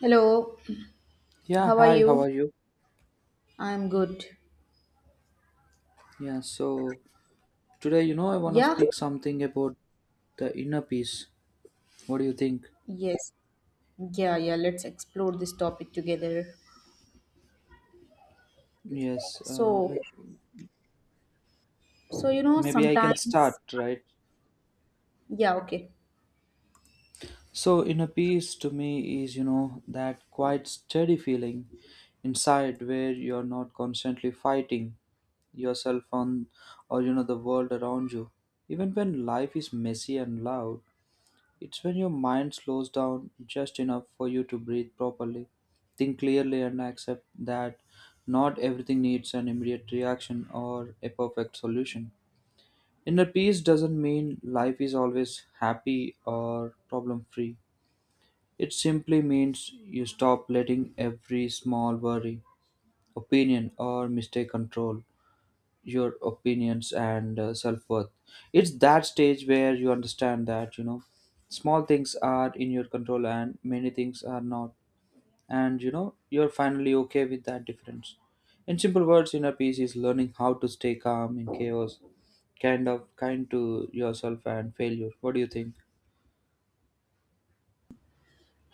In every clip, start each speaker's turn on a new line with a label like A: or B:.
A: Hello,
B: Yeah,
A: how are
B: hi, how
A: you?
B: are you?
A: I'm good.
B: Yeah, so today, I want to
A: Yeah,
B: speak something about the inner peace. What do you think?
A: yes, yeah, yeah. Let's explore this topic together.
B: Yes,
A: So,
B: like
A: so you know,
B: maybe I can start,
A: sometimes,
B: right?
A: yeah, okay.
B: So, inner peace to me is, you know, that quite steady feeling inside where you're not constantly fighting yourself on or, you know, the world around you. Even when life is messy and loud, it's when your mind slows down just enough for you to breathe properly, think clearly, and accept that not everything needs an immediate reaction or a perfect solution. Inner peace doesn't mean life is always happy or problem free. It simply means you stop letting every small worry, opinion, or mistake control your opinions and self-worth. It's that stage where you understand that, you know, small things are in your control and many things are not, and you know, you're finally okay with that difference. In simple words, inner peace is learning how to stay calm in chaos, kind of kind to yourself and failure. What do you think?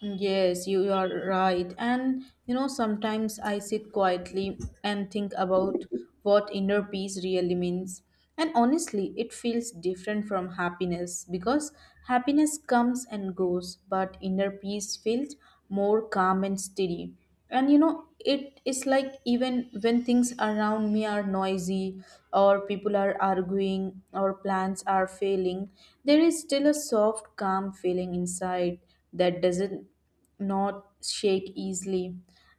A: Yes, you are right. And you know, sometimes I sit quietly and think about what inner peace really means. And honestly, it feels different from happiness because happiness comes and goes, but inner peace feels more calm and steady. And you know, it is like even when things around me are noisy or people are arguing or plans are failing, there is still a soft calm feeling inside that doesn't not shake easily.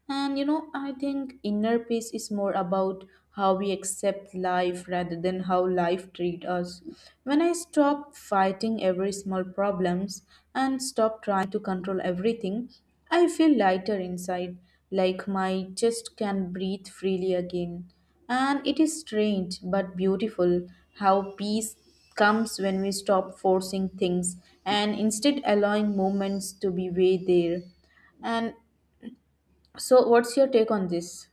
A: And you know, I think inner peace is more about how we accept life rather than how life treats us. When I stop fighting every small problems and stop trying to control everything, I feel lighter inside, like my chest can breathe freely again. And it is strange but beautiful how peace comes when we stop forcing things and instead allowing moments to be way there. And so, what's your take on this?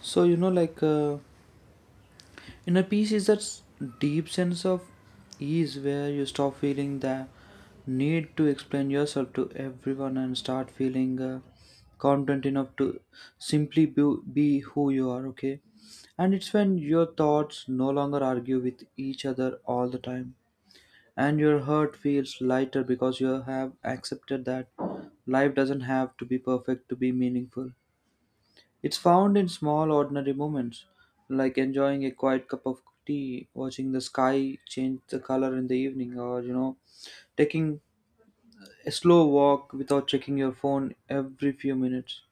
B: So, inner peace is that deep sense of ease where you stop feeling the need to explain yourself to everyone and start feeling confident enough to simply be, be who you are, okay? And it's when your thoughts no longer argue with each other all the time. And your heart feels lighter because you have accepted that life doesn't have to be perfect to be meaningful. It's found in small, ordinary moments, like enjoying a quiet cup of tea, watching the sky change the color in the evening, or you know, taking a slow walk without checking your phone every few minutes.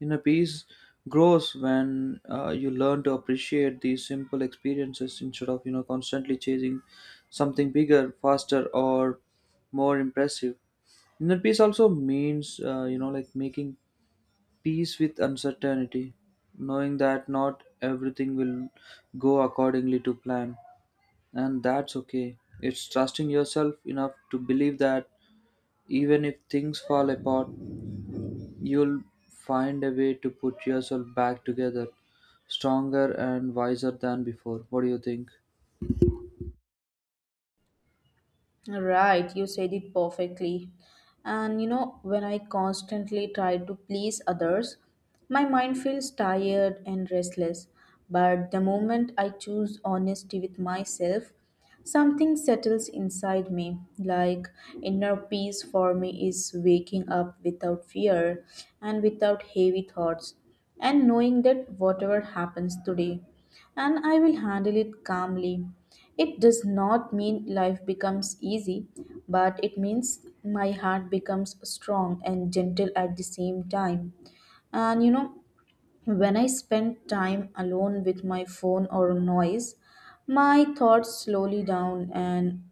B: Inner peace grows when you learn to appreciate these simple experiences instead of, you know, constantly chasing something bigger, faster, or more impressive. Inner peace also means, you know, like making peace with uncertainty, knowing that not everything will go accordingly to plan, and that's okay. It's trusting yourself enough to believe that even if things fall apart, you'll find a way to put yourself back together, stronger and wiser than before. What do you think?
A: Right, you said it perfectly. And you know, when I constantly try to please others, my mind feels tired and restless. But the moment I choose honesty with myself, something settles inside me, like inner peace for me is waking up without fear and without heavy thoughts, and knowing that whatever happens today, and I will handle it calmly. It does not mean life becomes easy, but it means my heart becomes strong and gentle at the same time. And you know, when I spend time alone with my phone or noise, my thoughts slowly down and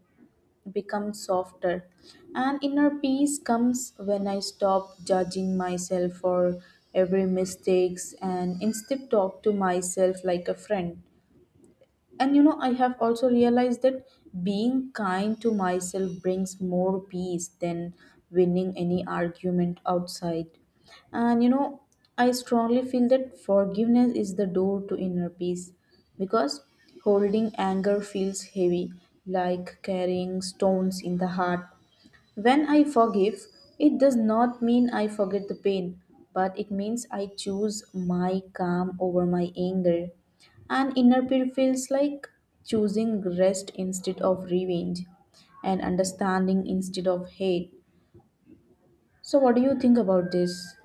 A: become softer. And inner peace comes when I stop judging myself for every mistakes and instead talk to myself like a friend. And you know, I have also realized that being kind to myself brings more peace than winning any argument outside. And you know, I strongly feel that forgiveness is the door to inner peace because holding anger feels heavy, like carrying stones in the heart. When I forgive, it does not mean I forget the pain, but it means I choose my calm over my anger. And inner peace feels like choosing rest instead of revenge and understanding instead of hate. So, what do you think about this?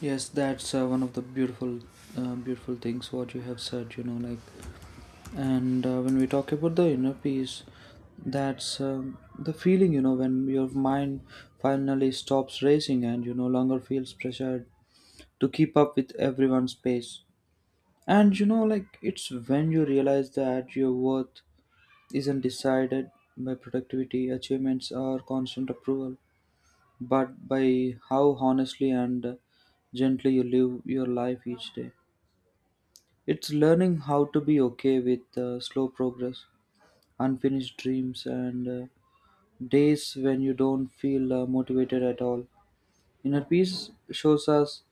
B: Yes, that's one of the beautiful, beautiful things what you have said. You know, like, and when we talk about the inner peace, that's the feeling, you know, when your mind finally stops racing and you no longer feels pressured to keep up with everyone's pace. And you know, like, it's when you realize that your worth isn't decided by productivity achievements or constant approval, but by how honestly and gently you live your life each day. It's learning how to be okay with slow progress, unfinished dreams, and days when you don't feel motivated at all. Inner peace shows us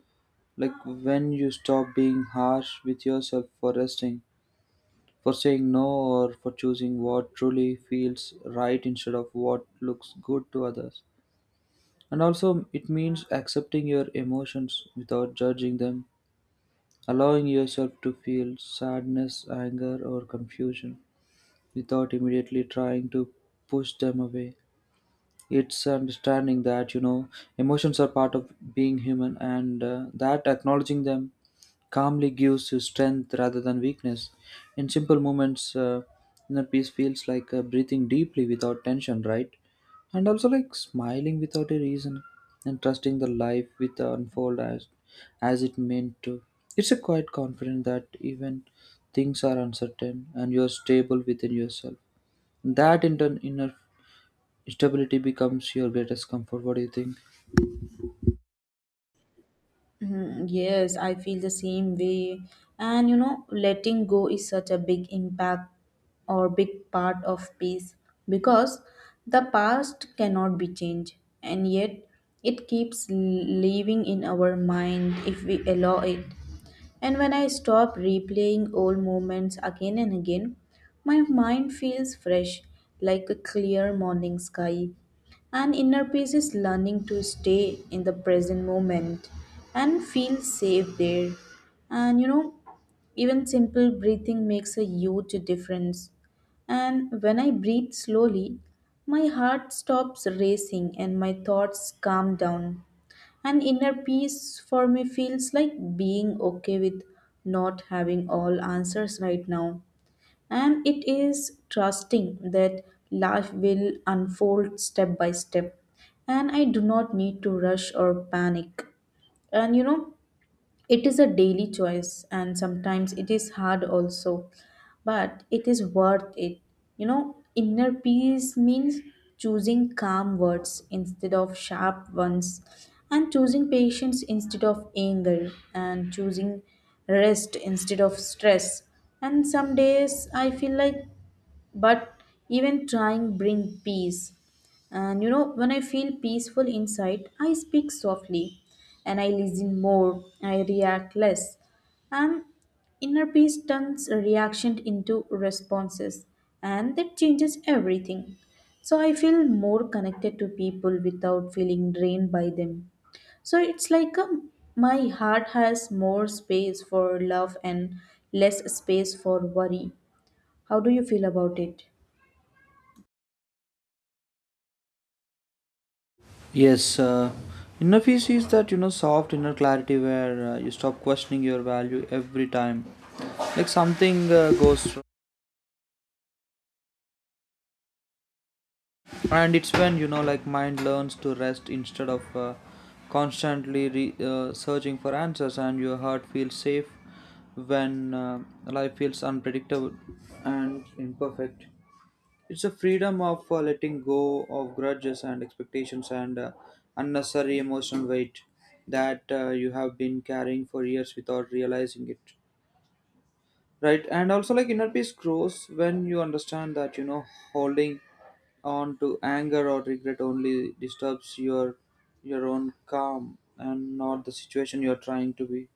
B: like when you stop being harsh with yourself for resting, for saying no, or for choosing what truly feels right instead of what looks good to others. And also, it means accepting your emotions without judging them, allowing yourself to feel sadness, anger, or confusion without immediately trying to push them away. It's understanding that, you know, emotions are part of being human, and that acknowledging them calmly gives you strength rather than weakness. In simple moments, inner peace feels like breathing deeply without tension, right? And also like smiling without a reason and trusting the life with the unfold as it meant to. It's a quiet confidence that even things are uncertain and you're stable within yourself. That inner stability becomes your greatest comfort. What do you think?
A: Mhm. Yes, I feel the same way. And you know, letting go is such a big impact or big part of peace because the past cannot be changed, and yet it keeps living in our mind if we allow it. And when I stop replaying old moments again and again, my mind feels fresh like a clear morning sky, and inner peace is learning to stay in the present moment and feel safe there. And you know, even simple breathing makes a huge difference. And when I breathe slowly, my heart stops racing and my thoughts calm down. And inner peace for me feels like being okay with not having all answers right now, and it is trusting that life will unfold step by step, and I do not need to rush or panic. And you know, it is a daily choice, and sometimes it is hard also, but it is worth it. You know, inner peace means choosing calm words instead of sharp ones, and choosing patience instead of anger, and choosing rest instead of stress. And some days I feel like, but even trying bring peace. And you know, when I feel peaceful inside, I speak softly and I listen more, I react less. And inner peace turns reaction into responses, and that changes everything. So I feel more connected to people without feeling drained by them. So it's like a, my heart has more space for love and less space for worry. How do you feel about it?
B: Yes, inner peace is that, you know, soft inner clarity where you stop questioning your value every time like something goes wrong. And it's when, you know, like mind learns to rest instead of constantly searching for answers, and your heart feels safe when life feels unpredictable and imperfect. It's a freedom of letting go of grudges and expectations and unnecessary emotional weight that you have been carrying for years without realizing it. Right? And also, like, inner peace grows when you understand that, you know, holding on to anger or regret only disturbs your own calm and not the situation you're trying to be.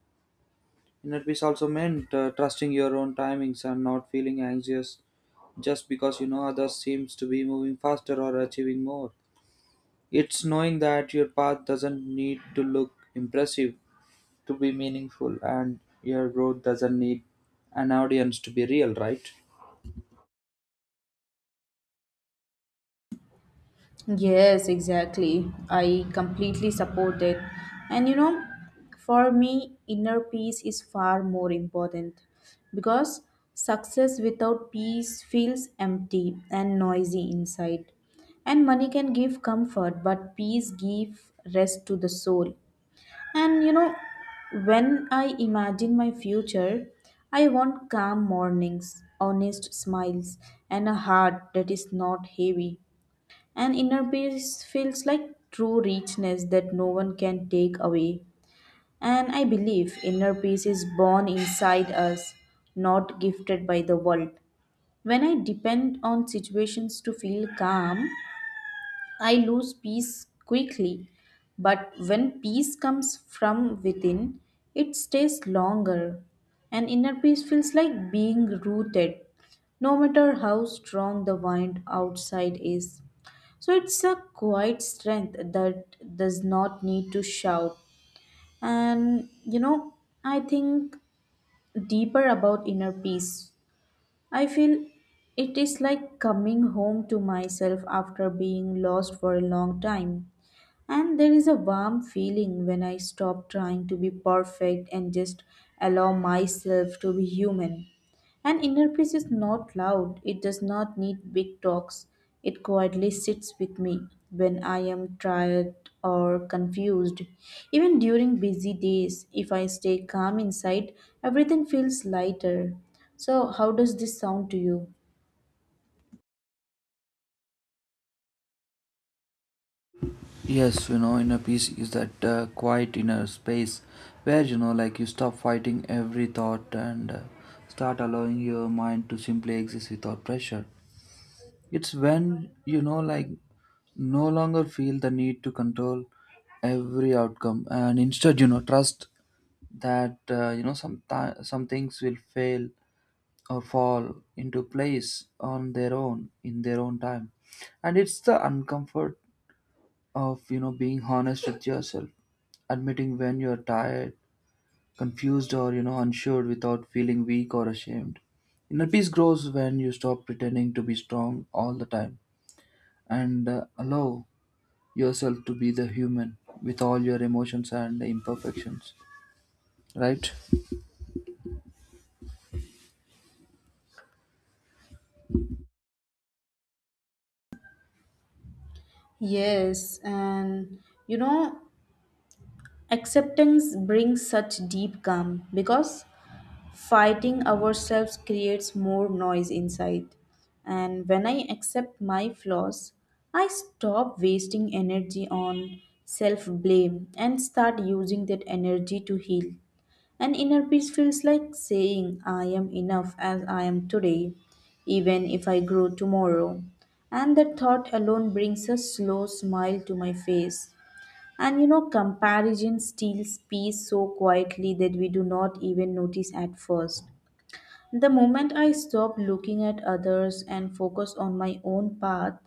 B: Inner peace also meant trusting your own timings and not feeling anxious just because, you know, others seems to be moving faster or achieving more. It's knowing that your path doesn't need to look impressive to be meaningful, and your growth doesn't need an audience to be real, right?
A: Yes, exactly. I completely support it. And you know, for me, inner peace is far more important because success without peace feels empty and noisy inside. And money can give comfort, but peace gives rest to the soul. And you know, when I imagine my future, I want calm mornings, honest smiles, and a heart that is not heavy. And inner peace feels like true richness that no one can take away. And I believe inner peace is born inside us, not gifted by the world. When I depend on situations to feel calm, I lose peace quickly, but when peace comes from within, it stays longer. And inner peace feels like being rooted, no matter how strong the wind outside is. So it's a quiet strength that does not need to shout. And you know, I think deeper about inner peace. I feel it is like coming home to myself after being lost for a long time. And there is a warm feeling when I stop trying to be perfect and just allow myself to be human. And inner peace is not loud, it does not need big talks. It quietly sits with me when I am tired or confused. Even during busy days, if I stay calm inside, everything feels lighter. So, how does this sound to you?
B: Yes, you know, inner peace is that quiet inner space where, you know, like you stop fighting every thought and start allowing your mind to simply exist without pressure. It's when, you know, like, no longer feel the need to control every outcome, and instead, you know, trust that, some things will fail or fall into place on their own in their own time. And it's the uncomfort of, you know, being honest with yourself, admitting when you're tired, confused, or, you know, unsure without feeling weak or ashamed. Inner peace grows when you stop pretending to be strong all the time and allow yourself to be the human with all your emotions and imperfections, right?
A: Yes, and you know, acceptance brings such deep calm because fighting ourselves creates more noise inside. And when I accept my flaws, I stop wasting energy on self blame and start using that energy to heal. And inner peace feels like saying, I am enough as I am today, even if I grow tomorrow. And that thought alone brings a slow smile to my face. And you know, comparison steals peace so quietly that we do not even notice at first. The moment I stop looking at others and focus on my own path,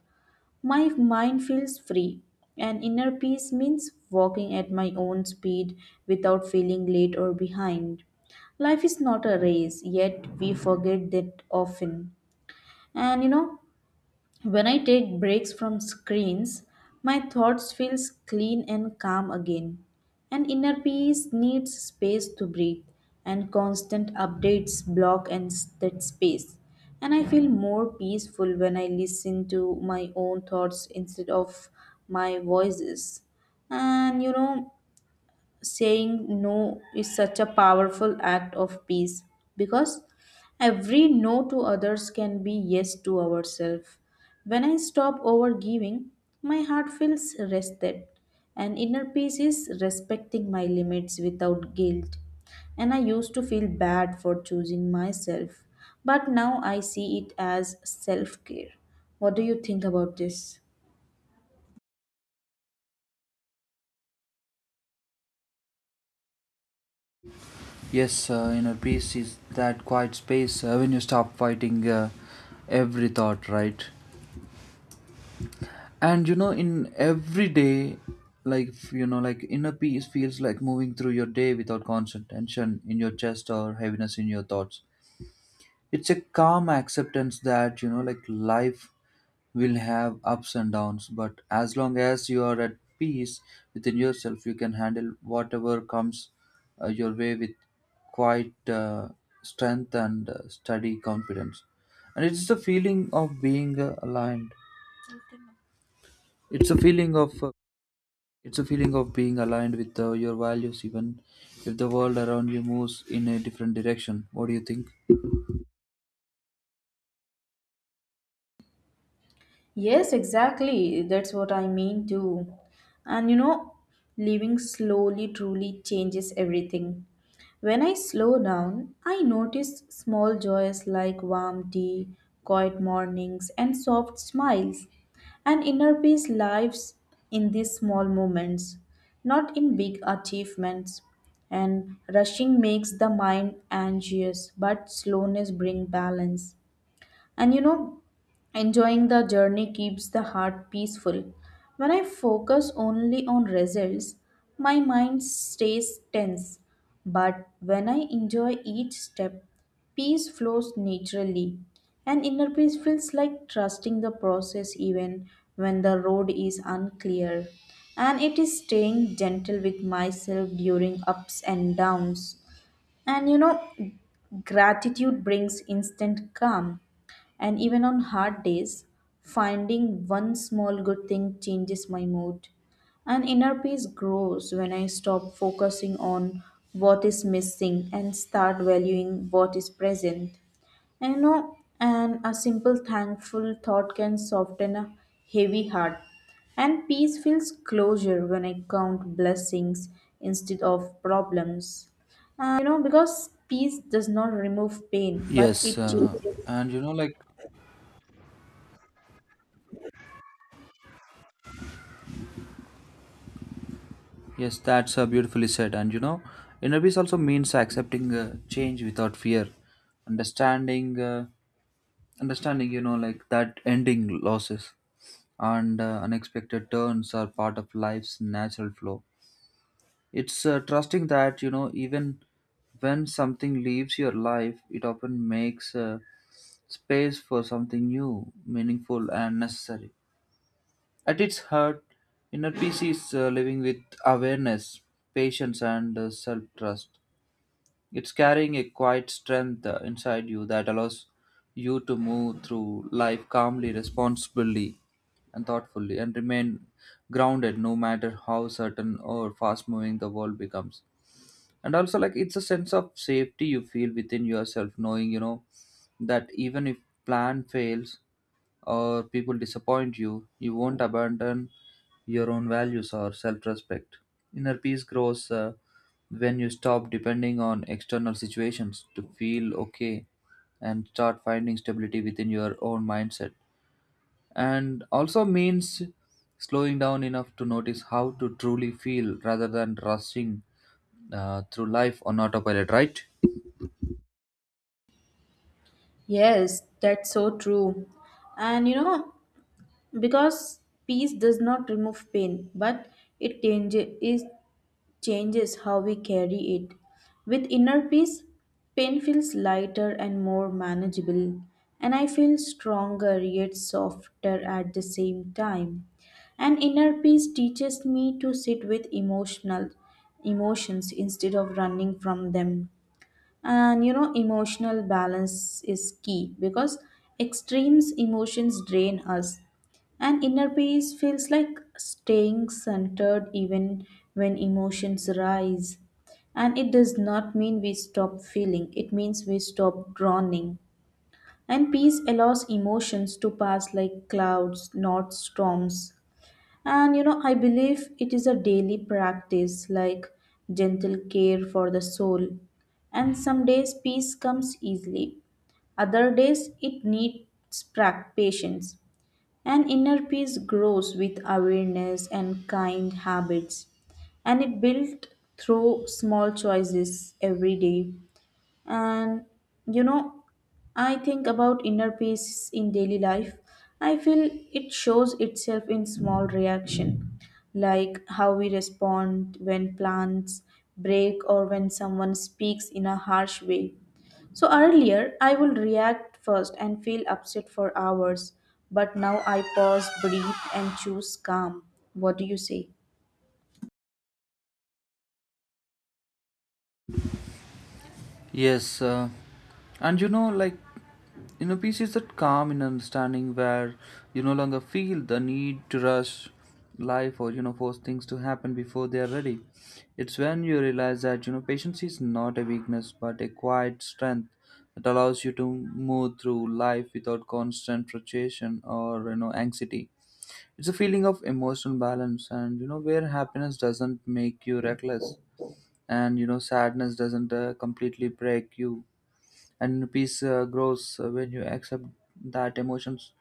A: my mind feels free. And inner peace means walking at my own speed without feeling late or behind. Life is not a race, yet we forget that often. And you know, when I take breaks from screens, my thoughts feels clean and calm again. And inner peace needs space to breathe, and constant updates block that space. And I feel more peaceful when I listen to my own thoughts instead of my voices. And you know, saying no is such a powerful act of peace because every no to others can be yes to ourselves. When I stop overgiving, my heart feels rested, and inner peace is respecting my limits without guilt. And I used to feel bad for choosing myself, but now I see it as self care. What do you think about this?
B: Yes, inner peace is that quiet space when you stop fighting every thought, right? And you know, in every day, like inner peace feels like moving through your day without constant tension in your chest or heaviness in your thoughts. It's a calm acceptance that, you know, like life will have ups and downs, but as long as you are at peace within yourself, you can handle whatever comes your way with quite strength and steady confidence. And it's the feeling of being aligned. It's a feeling of uh, it's a feeling of being aligned with your values, even if the world around you moves in a different direction. What do you think?
A: Yes, exactly. That's what I mean too. And you know, living slowly truly changes everything. When I slow down, I notice small joys like warm tea, quiet mornings, and soft smiles. And inner peace lives in these small moments, not in big achievements. And rushing makes the mind anxious, but slowness brings balance. And you know, enjoying the journey keeps the heart peaceful. When I focus only on results, my mind stays tense. But when I enjoy each step, peace flows naturally. And inner peace feels like trusting the process even when the road is unclear. And it is staying gentle with myself during ups and downs. And you know, gratitude brings instant calm. And even on hard days, finding one small good thing changes my mood. And inner peace grows when I stop focusing on what is missing and start valuing what is present. And you know, and a simple thankful thought can soften a heavy heart. And peace feels closure when I count blessings instead of problems. You know, because peace does not remove pain, but
B: Yes,
A: it changes.
B: and you know, like yes, that's beautifully said. And you know, inner peace also means accepting change without fear, understanding, uh, understanding, you know, like that ending losses and unexpected turns are part of life's natural flow. It's trusting that, you know, even when something leaves your life, it often makes space for something new, meaningful, and necessary. At its heart, inner peace is living with awareness, patience, and self trust. It's carrying a quiet strength inside you that allows you to move through life calmly, responsibly, and thoughtfully, and remain grounded no matter how certain or fast moving the world becomes. And also like it's a sense of safety you feel within yourself, knowing, you know, that even if plan fails or people disappoint you, you won't abandon your own values or self-respect. Inner peace grows when you stop depending on external situations to feel okay and start finding stability within your own mindset, and also means slowing down enough to notice how to truly feel rather than rushing through life on autopilot, right?
A: Yes, that's so true. And you know, because peace does not remove pain, but it changes it, changes how we carry it. With inner peace, pain feels lighter and more manageable, and I feel stronger yet softer at the same time. And inner peace teaches me to sit with emotional emotions instead of running from them. And you know, emotional balance is key because extremes emotions drain us, and inner peace feels like staying centered even when emotions rise. And it does not mean we stop feeling, it means we stop drowning. And peace allows emotions to pass like clouds, not storms. And you know, I believe it is a daily practice like gentle care for the soul. And some days peace comes easily, other days it needs patience. An inner peace grows with awareness and kind habits, and it built through small choices every day. And you know, I think about inner peace in daily life, I feel it shows itself in small reaction like how we respond when plans break or when someone speaks in a harsh way. So earlier I would react first and feel upset for hours, but now I pause, breathe, and choose calm. What do you say?
B: Yes, and you know, like, you know, peace is that calm in understanding where you no longer feel the need to rush life or, you know, force things to happen before they are ready. It's when you realize that, you know, patience is not a weakness but a quiet strength that allows you to move through life without constant frustration or, you know, anxiety. It's a feeling of emotional balance and, you know, where happiness doesn't make you reckless and you know sadness doesn't completely break you. And peace grows when you accept that emotions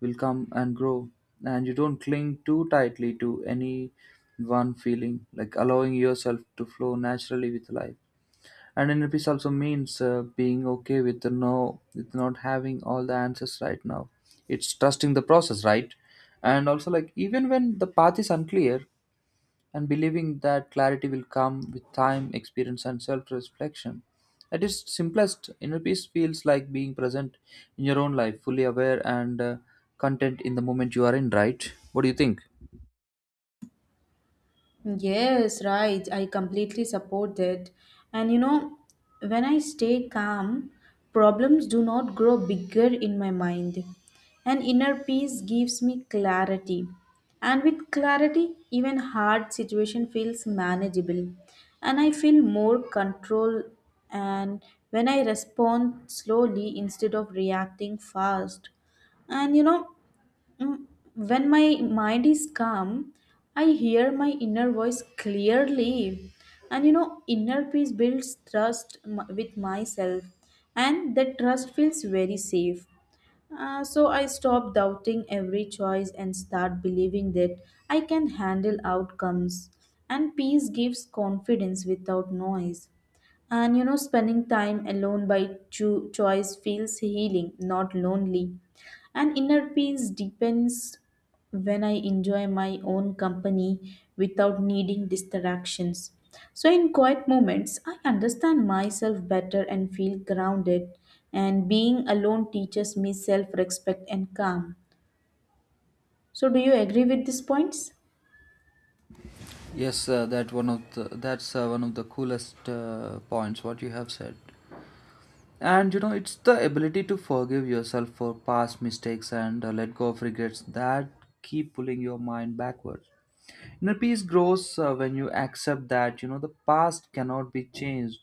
B: will come and grow, and you don't cling too tightly to any one feeling, like allowing yourself to flow naturally with life. And inner peace also means being okay with the no with not having all the answers right now. It's trusting the process, right? And also like even when the path is unclear, and believing that clarity will come with time, experience, and self reflection. At its simplest, inner peace feels like being present in your own life, fully aware and content in the moment you are in, right? What do you think?
A: Yes, right. I completely support that. And you know, when I stay calm, problems do not grow bigger in my mind. And inner peace gives me clarity. And with clarity, even hard situation feels manageable. And I feel more control and when I respond slowly instead of reacting fast. And you know, Mm, When my mind is calm, I hear my inner voice clearly. And you know, inner peace builds trust with myself, and that trust feels very safe. So I stop doubting every choice and start believing that I can handle outcomes. And peace gives confidence without noise. And you know, spending time alone by choice feels healing, not lonely. And inner peace deepens when I enjoy my own company without needing distractions. So, in quiet moments, I understand myself better and feel grounded. And being alone teaches me self respect and calm. So, do you agree with these points?
B: Yes, that's one of the coolest points what you have said. And you know, it's the ability to forgive yourself for past mistakes and let go of regrets that keep pulling your mind backwards. Inner peace grows when you accept that the past cannot be changed,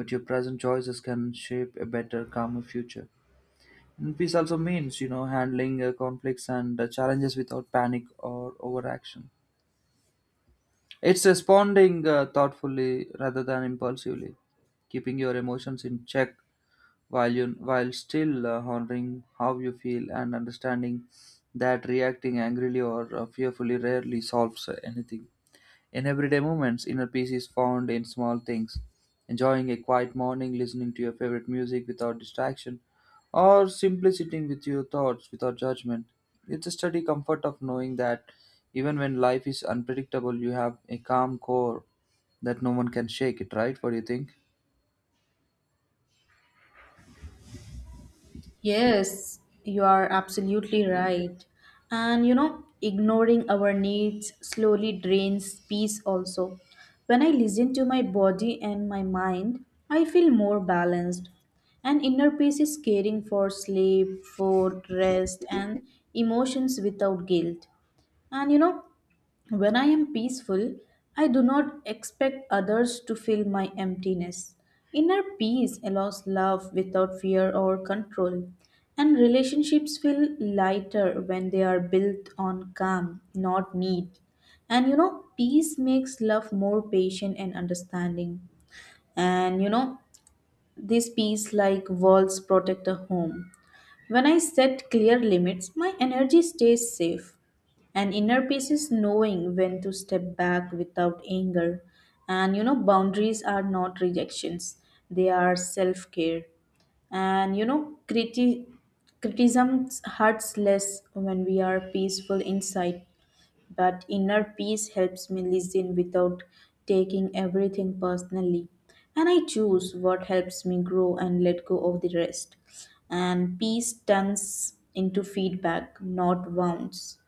B: but your present choices can shape a better, calmer future. Inner peace also means handling conflicts and challenges without panic or overaction. It's responding thoughtfully rather than impulsively, keeping your emotions in check while you while still honoring how you feel and understanding that reacting angrily or fearfully rarely solves anything. In everyday moments, inner peace is found in small things. Enjoying a quiet morning, listening to your favorite music without distraction, or simply sitting with your thoughts without judgment. It's a steady comfort of knowing that even when life is unpredictable, you have a calm core that no one can shake it, right? What do you think?
A: Yes, you are absolutely right. And you know, ignoring our needs slowly drains peace also. When I listen to my body and my mind, I feel more balanced. And inner peace is caring for sleep, food, rest, and emotions without guilt. And you know, when I am peaceful, I do not expect others to fill my emptiness. Inner peace allows love without fear or control. And relationships feel lighter when they are built on calm, not need. And you know, peace makes love more patient and understanding. And you know, this peace like walls protect a home. When I set clear limits, my energy stays safe. And inner peace is knowing when to step back without anger. And you know, boundaries are not rejections, they are self care. And you know, criticism hurts less when we are peaceful inside. That inner peace helps me listen without taking everything personally. And I choose what helps me grow and let go of the rest. And peace turns into feedback, not wounds.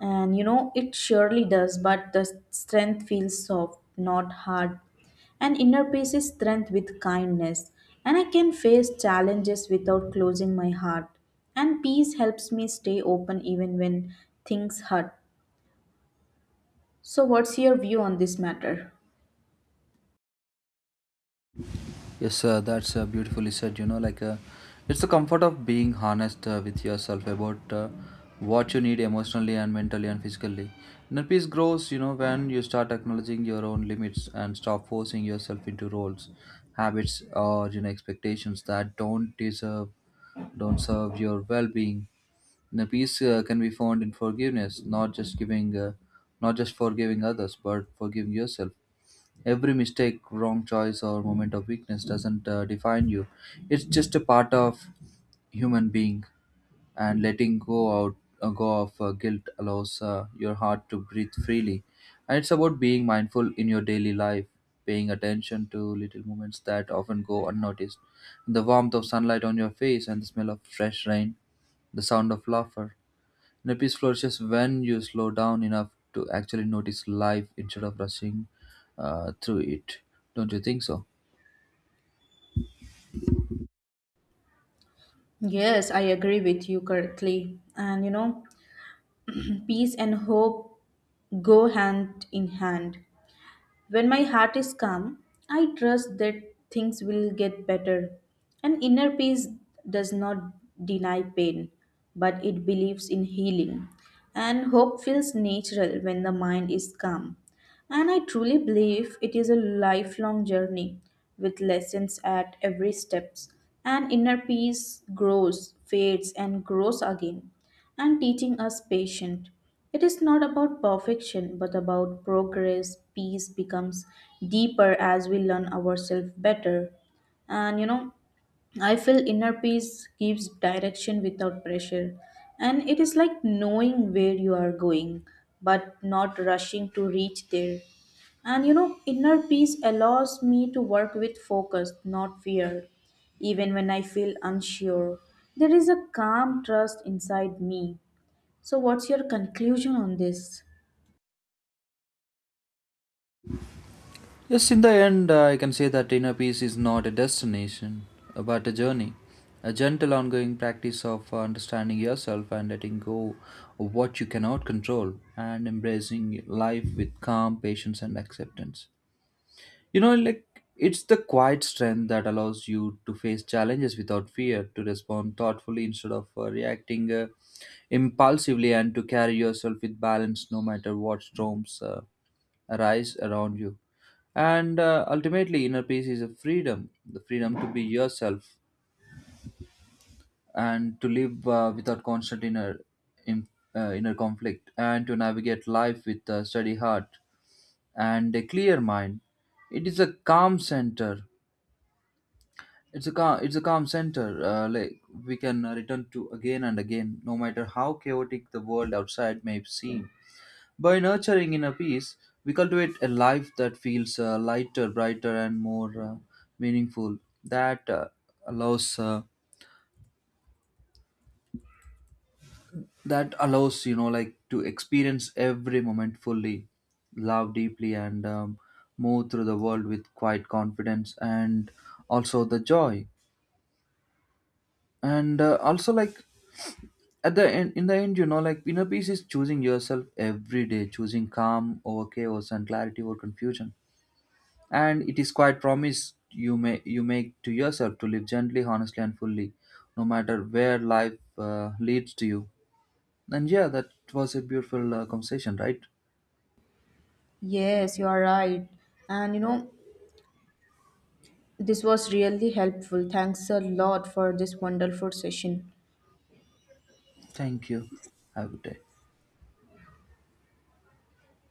A: And you know, it surely does, but the strength feels soft, not hard. And inner peace is strength with kindness. And I can face challenges without closing my heart. And peace helps me stay open even when things hurt. So, what's your view on this matter?
B: Yes, that's beautifully said. You know, like it's the comfort of being honest with yourself about what you need emotionally and mentally and physically. Inner peace grows, you know, when you start acknowledging your own limits and stop forcing yourself into roles, habits, or expectations that don't serve your well-being. Inner peace can be found in forgiveness, not just forgiving others, but forgiving yourself. Every mistake, wrong choice, or moment of weakness doesn't define you. It's just a part of human being. And letting go of guilt allows your heart to breathe freely. And it's about being mindful in your daily life, paying attention to little moments that often go unnoticed. The warmth of sunlight on your face and the smell of fresh rain, the sound of laughter. Peace flourishes when you slow down enough to actually notice life instead of rushing through it. Don't you think so?
A: Yes, I agree with you correctly. And you know, peace and hope go hand in hand. When my heart is calm, I trust that things will get better. And inner peace does not deny pain, but it believes in healing. And hope feels natural when the mind is calm. And I truly believe it is a lifelong journey with lessons at every step. And inner peace grows, fades, and grows again, and teaching us patience. It is not about perfection, but about progress. Peace becomes deeper as we learn ourselves better. And you know, I feel inner peace gives direction without pressure. And it is like knowing where you are going, but not rushing to reach there. And you know, inner peace allows me to work with focus, not fear. Even when I feel unsure, there is a calm trust inside me. So, what's your conclusion on this?
B: Yes, in the end, I can say that inner peace is not a destination, but a journey. A gentle, ongoing practice of understanding yourself and letting go of what you cannot control, and embracing life with calm, patience, and acceptance. You know, like it's the quiet strength that allows you to face challenges without fear, to respond thoughtfully instead of reacting impulsively, and to carry yourself with balance no matter what storms arise around you. And ultimately, inner peace is a freedom the freedom to be yourself and to live without constant in, inner conflict, and to navigate life with a steady heart and a clear mind. It is a calm center It's a calm center. Like we can return to again and again, no matter how chaotic the world outside may seem. By nurturing inner peace, we cultivate a life that feels lighter, brighter, and more meaningful. That uh, allows uh, that allows to experience every moment fully, love deeply, and move through the world with quiet confidence and also the joy. And also like at the end in the end, inner peace is choosing yourself every day, choosing calm over chaos and clarity over confusion. And it is quite promise you make to yourself to live gently, honestly, and fully, no matter where life leads to you. And, yeah, that was a beautiful conversation, right?
A: Yes, you are right. And you know, this was really helpful. Thanks a lot for this wonderful session.
B: Thank you. Have a good day.